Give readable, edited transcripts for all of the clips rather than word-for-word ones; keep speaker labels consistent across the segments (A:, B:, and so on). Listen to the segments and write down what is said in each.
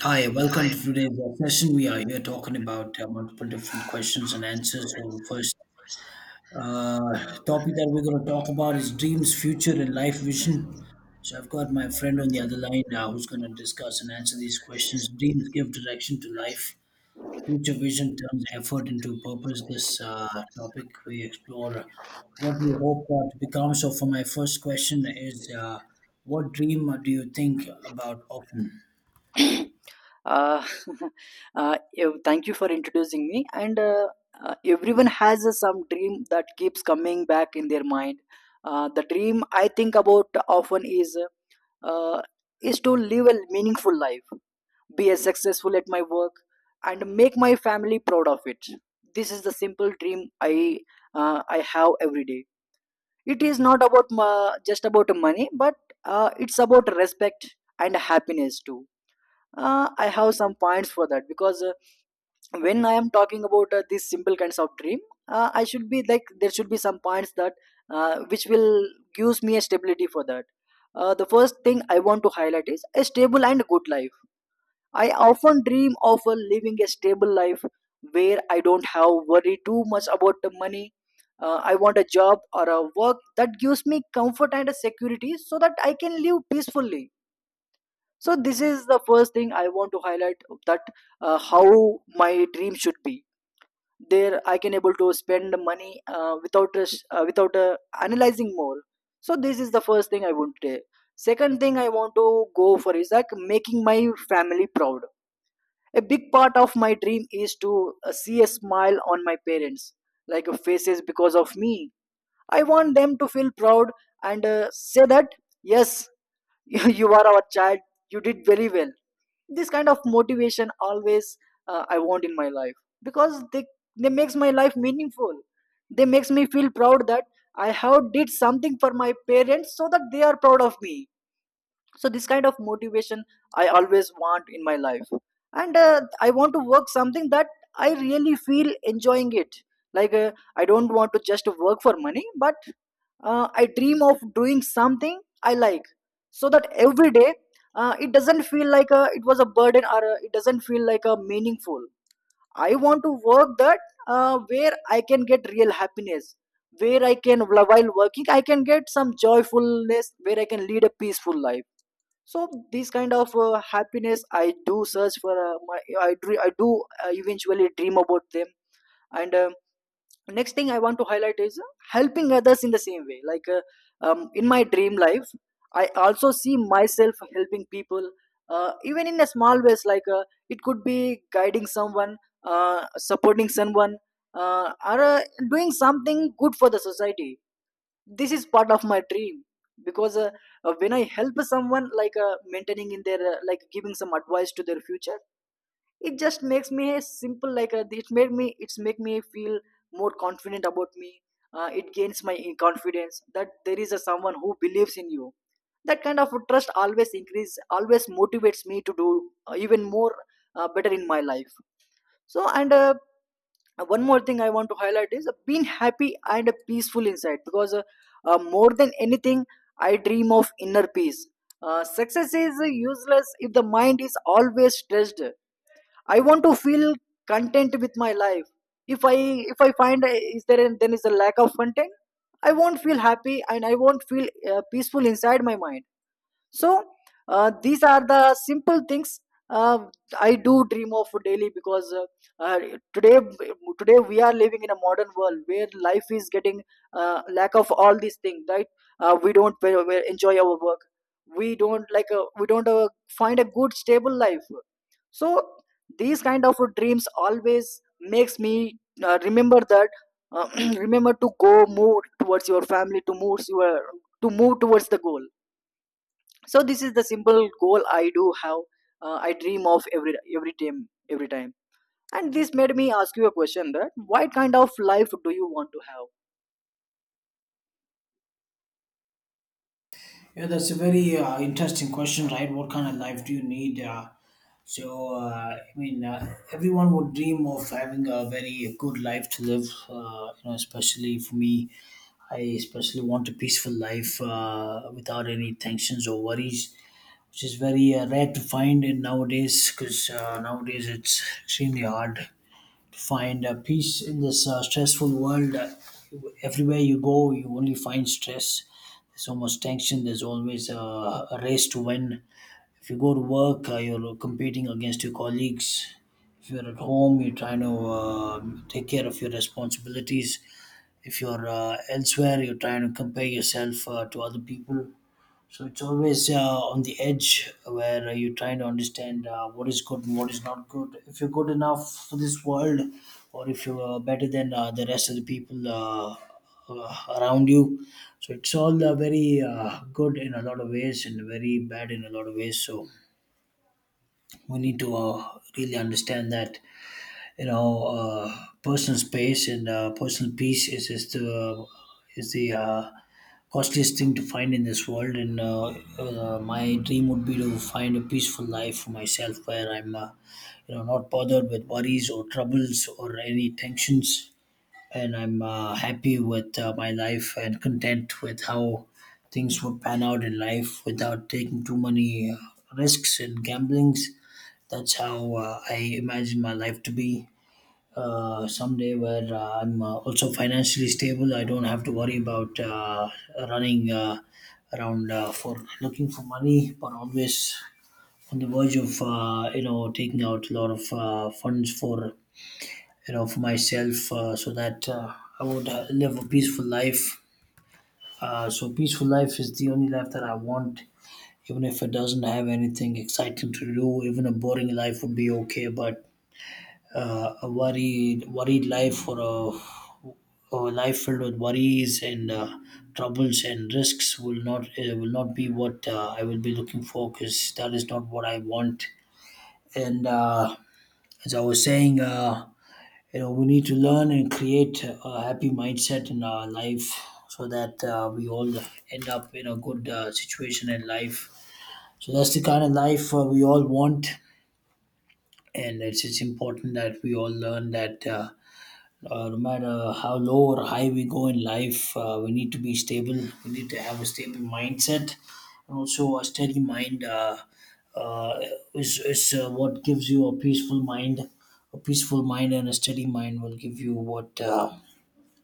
A: Hi, welcome to today's session. We are here talking about multiple different questions and answers. So, the first uh, topic that we're going to talk about is dreams, future, and life vision. So, I've got my friend on the other line now who's going to discuss and answer these questions. Dreams give direction to life, future vision turns effort into purpose. This topic we explore what do you hope to become. So, for my first question, is what dream do you think about often?
B: uh, Thank you for introducing me, and everyone has some dream that keeps coming back in their mind. The dream I think about often uh, is to live a meaningful life, be as successful at my work, and make my family proud of it. This is the simple dream i I have every day. It is not about just about money, but it's about respect and happiness too. I have some points for that because when I am talking about these simple kinds of dream, I should be like, there should be some points that which will gives me a stability for that. The first thing I want to highlight is a stable and good life. I often dream of living a stable life where I don't have worry too much about the money. I want a job or a work that gives me comfort and a security so that I can live peacefully. So this is the first thing I want to highlight, that how my dream should be, there I can able to spend money without a sh- without analyzing more. So this is the first thing I want to say. Second thing I want to go for is like making my family proud. A big part of my dream is to see a smile on my parents, like, faces because of me. I want them to feel proud, and say that, yes, you are our child, you did very well. This kind of motivation always I want in my life, because they makes my life meaningful. They makes me feel proud that I have did something for my parents so that they are proud of me. So this kind of motivation I always want in my life. And I want to work something that I really feel enjoying it. Like, I don't want to just work for money, but I dream of doing something I like, so that every day it doesn't feel like a, it was a burden, or a, it doesn't feel like a meaningful. I want to work that where I can get real happiness, where I can, while working I can get some joyfulness, where I can lead a peaceful life. So this kind of happiness I do search for. I do eventually dream about them. And. Next thing I want to highlight is helping others in the same way. In my dream life, I also see myself helping people, even in a small ways. Like, it could be guiding someone, supporting someone, or doing something good for the society. This is part of my dream, because when I help someone, like maintaining in their like giving some advice to their future, it just makes me a simple, like a, it made me, it's make me feel more confident about me. It gains my confidence that there is a someone who believes in you. That kind of trust always increase, always motivates me to do even more better in my life. So, and one more thing I want to highlight is being happy and peaceful inside, because more than anything, I dream of inner peace. Success is useless if the mind is always stressed. I want to feel content with my life. If I if I find is there then is a lack of content, I won't feel happy and I won't feel peaceful inside my mind. So these are the simple things uh, I do dream of daily, because uh, today today we are living in a modern world where life is getting lack of all these things, right? We enjoy our work, we don't, like we don't find a good stable life. So these kind of dreams always makes me remember that, uh, remember to go move towards your family, to move your, to move towards the goal. So this is the simple goal I do have. I dream of every time, every time. And this made me ask you a question, that what kind of life do you want to have?
A: Yeah, that's a very interesting question, right? What kind of life do you need? I mean, everyone would dream of having a very good life to live. You know, especially for me, I especially want a peaceful life without any tensions or worries, which is very rare to find in nowadays. Because nowadays it's extremely hard find peace in this stressful world. Everywhere you go, you only find stress. There's so much tension. There's always a race to win. If you go to work, you're competing against your colleagues. If you're at home, you're trying to take care of your responsibilities. If you're elsewhere, you're trying to compare yourself to other people, so it's always on the edge where you try to understand what is good and what is not good. If you're good enough for this world, or if you're better than the rest of the people around you. So it's all very good in a lot of ways and very bad in a lot of ways. So we need to really understand that, you know uh, personal space and personal peace is the is the uh, costliest thing to find in this world, and my dream would be to find a peaceful life for myself where I'm, you know, not bothered with worries or troubles or any tensions, and I'm happy with my life and content with how things would pan out in life without taking too many risks and gamblings. That's how I imagine my life to be someday where I'm also financially stable. I don't have to worry about running around for looking for money, but always on the verge of you know taking out a lot of funds for you know for myself so that I would live a peaceful life. So peaceful life is the only life that I want. Even if it doesn't have anything exciting to do, even a boring life would be okay. But a worried life or a a life filled with worries and troubles and risks will not be what I will be looking for, because that is not what I want. And as I was saying, you know, we need to learn and create a happy mindset in our life so that we all end up in a good situation in life. So that's the kind of life we all want, and it's important that we all learn that. No matter how low or high we go in life, we need to be stable. We need to have a stable mindset, and also a steady mind uh, is what gives you a peaceful mind. A peaceful mind and a steady mind will give you what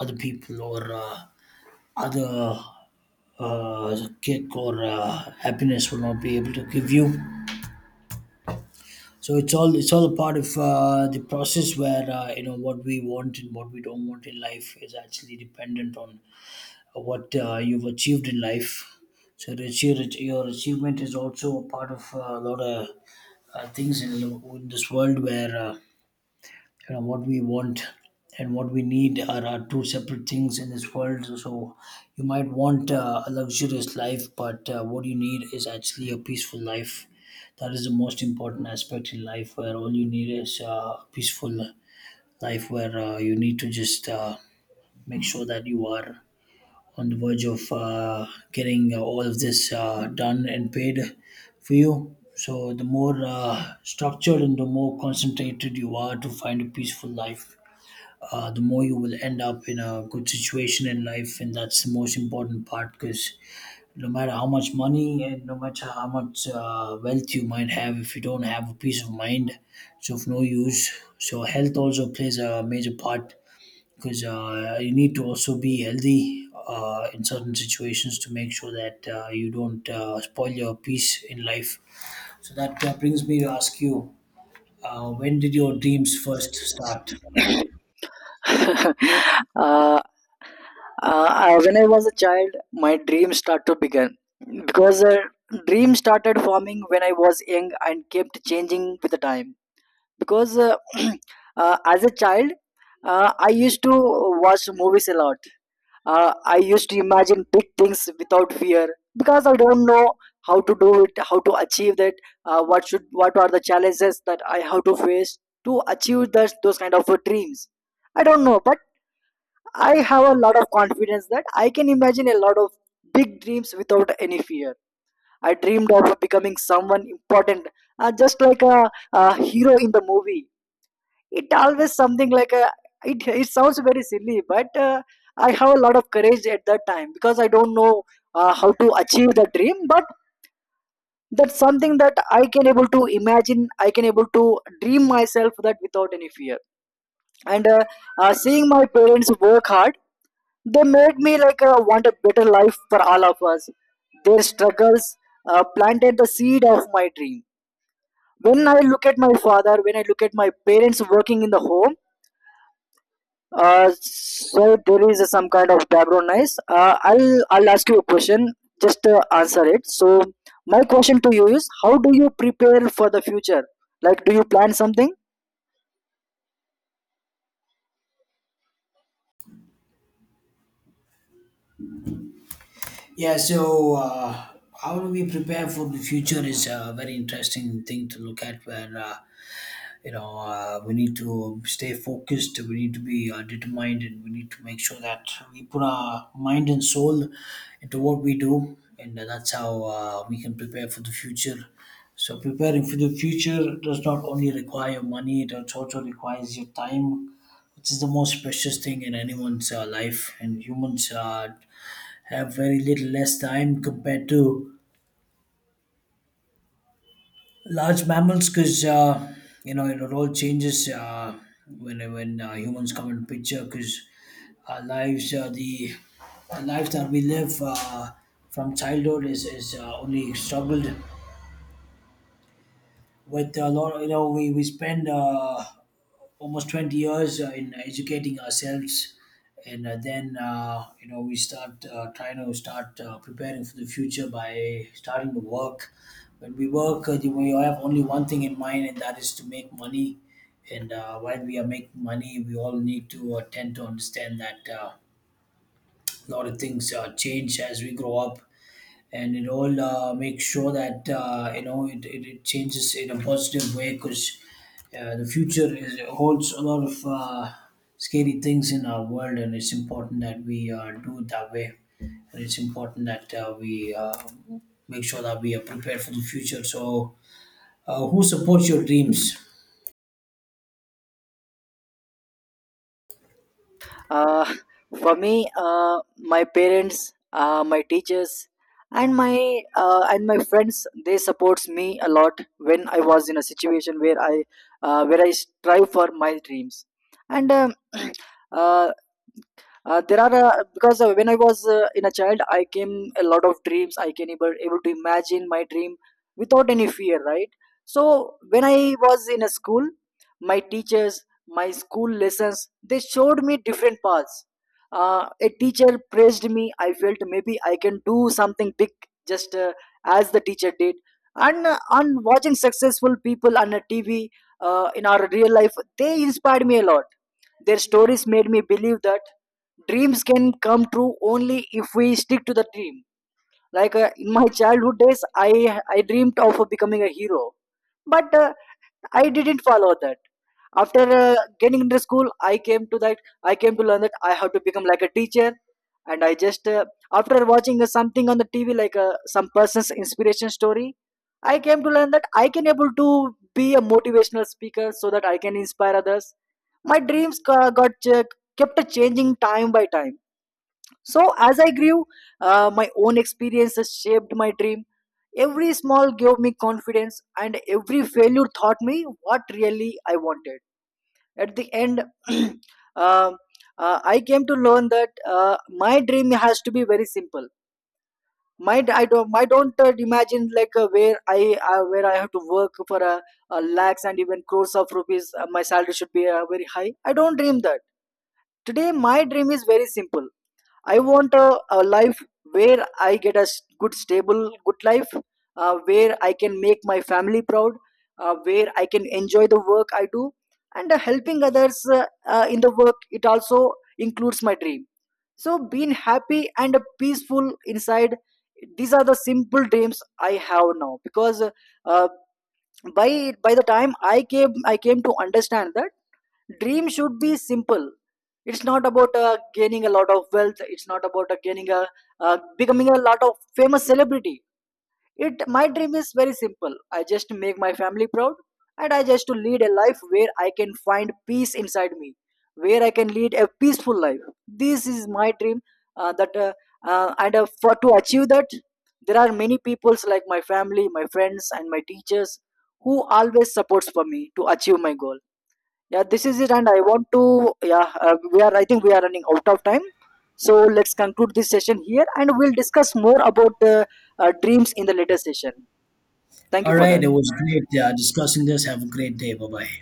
A: other people or other kick or happiness will not be able to give you. So it's all a part of the process where you know what we want and what we don't want in life is actually dependent on what you've achieved in life. So to achieve, your achievement is also a part of a lot of things in this world where you know what we want and what we need are two separate things in this world. So you might want a luxurious life, but what you need is actually a peaceful life. That is the most important aspect in life, where all you need is a peaceful life where you need to just make sure that you are on the verge of getting all of this done and paid for you. So the more structured and the more concentrated you are to find a peaceful life, the more you will end up in a good situation in life, and that's the most important part. Because no matter how much money and no matter how much wealth you might have, if you don't have a peace of mind, it's of no use. So health also plays a major part, because you need to also be healthy in certain situations to make sure that you don't spoil your peace in life. So that brings me to ask you, when did your dreams first start?
B: uh, when I was a child, my dreams start to begin, because dream started forming when I was young and kept changing with the time. Because as a child, I used to watch movies a lot. I used to imagine big things without fear, because I don't know how to do it, how to achieve that, what are the challenges that I have to face to achieve those kind of dreams. I don't know, but I have a lot of confidence that I can imagine a lot of big dreams without any fear. I dreamed of becoming someone important, just like a hero in the movie. It always something like a, it sounds very silly, but I have a lot of courage at that time, because I don't know how to achieve the dream, but that's something that I can able to imagine, I can able to dream myself that without any fear. And seeing my parents work hard, they made me like want a better life for all of us. Their struggles planted the seed of my dream. When I look at my father, when I look at my parents working in the home. So there is some kind of background noise. I'll ask you a question. Just answer it. So my question to you is, how do you prepare for the future? Like, do you plan something?
A: Yeah, so how do we prepare for the future is a very interesting thing to look at, where, we need to stay focused, we need to be determined, and we need to make sure that we put our mind and soul into what we do. And that's how we can prepare for the future. So, preparing for the future does not only require money, it also requires your time, which is the most precious thing in anyone's life. And humans have very little less time compared to large mammals, because you know it all changes when humans come into picture, because our lives the life that we live from childhood is only struggled with a lot. You know, we spend almost 20 years in educating ourselves, and then you know we start trying to start preparing for the future by starting to work. When we work, we have only one thing in mind, and that is to make money. And while we are making money, we all need to tend to understand that a lot of things change as we grow up, and it all makes sure that you know it changes in a positive way, because the future holds a lot of scary things in our world, and it's important that we do it that way. And it's important that we make sure that we are prepared for the future. So who supports your dreams?
B: Uh, for me, my parents, my teachers, and my and my friends, they supports me a lot when I was in a situation where I strive for my dreams. And uh, there are Because when I was in a child, I came a lot of dreams, I can able, able to imagine my dream without any fear, right? So when I was in a school, my teachers, my school lessons, they showed me different paths. A teacher praised me, I felt maybe I can do something big, just as the teacher did. And on watching successful people on a TV, in our real life, they inspired me a lot. Their stories made me believe that dreams can come true only if we stick to the dream. Like, in my childhood days, I dreamed of becoming a hero, but I didn't follow that. After getting into school, I came to that, I came to learn that I have to become like a teacher. And I just after watching something on the TV, like some person's inspiration story, I came to learn that I can able to be a motivational speaker, so that I can inspire others. My got kept changing time by time. So as I grew, my own experiences shaped my dream. Every small gave me confidence, and every failure taught me what really I wanted. At the end, um, uh, I came to learn that my dream has to be very simple. My I don't imagine like where I have to work for a lakhs and even crores of rupees. My salary should be very high. I don't dream that. Today, my dream is very simple. I want a life where I get a good, stable, good life, where I can make my family proud, where I can enjoy the work I do, and helping others in the work. It also includes my dream. So, being happy and peaceful inside, these are the simple dreams I have now. Because by the time I came to understand that dream should be simple. It's not about gaining a lot of wealth, it's not about gaining a, becoming a lot of famous celebrity. It, my dream is very simple. I just make my family proud, and I just to lead a life where I can find peace inside me, where I can lead a peaceful life. This is my dream that and for to achieve that. There are many peoples like my family, my friends, and my teachers who always supports for me to achieve my goal. Yeah, this is it, and I want to. Yeah, we are. I think we are running out of time, so let's conclude this session here, and we'll discuss more about dreams in the later session. Thank you
A: All
B: for
A: right,
B: that.
A: it was great discussing this. Have a great day. Bye bye.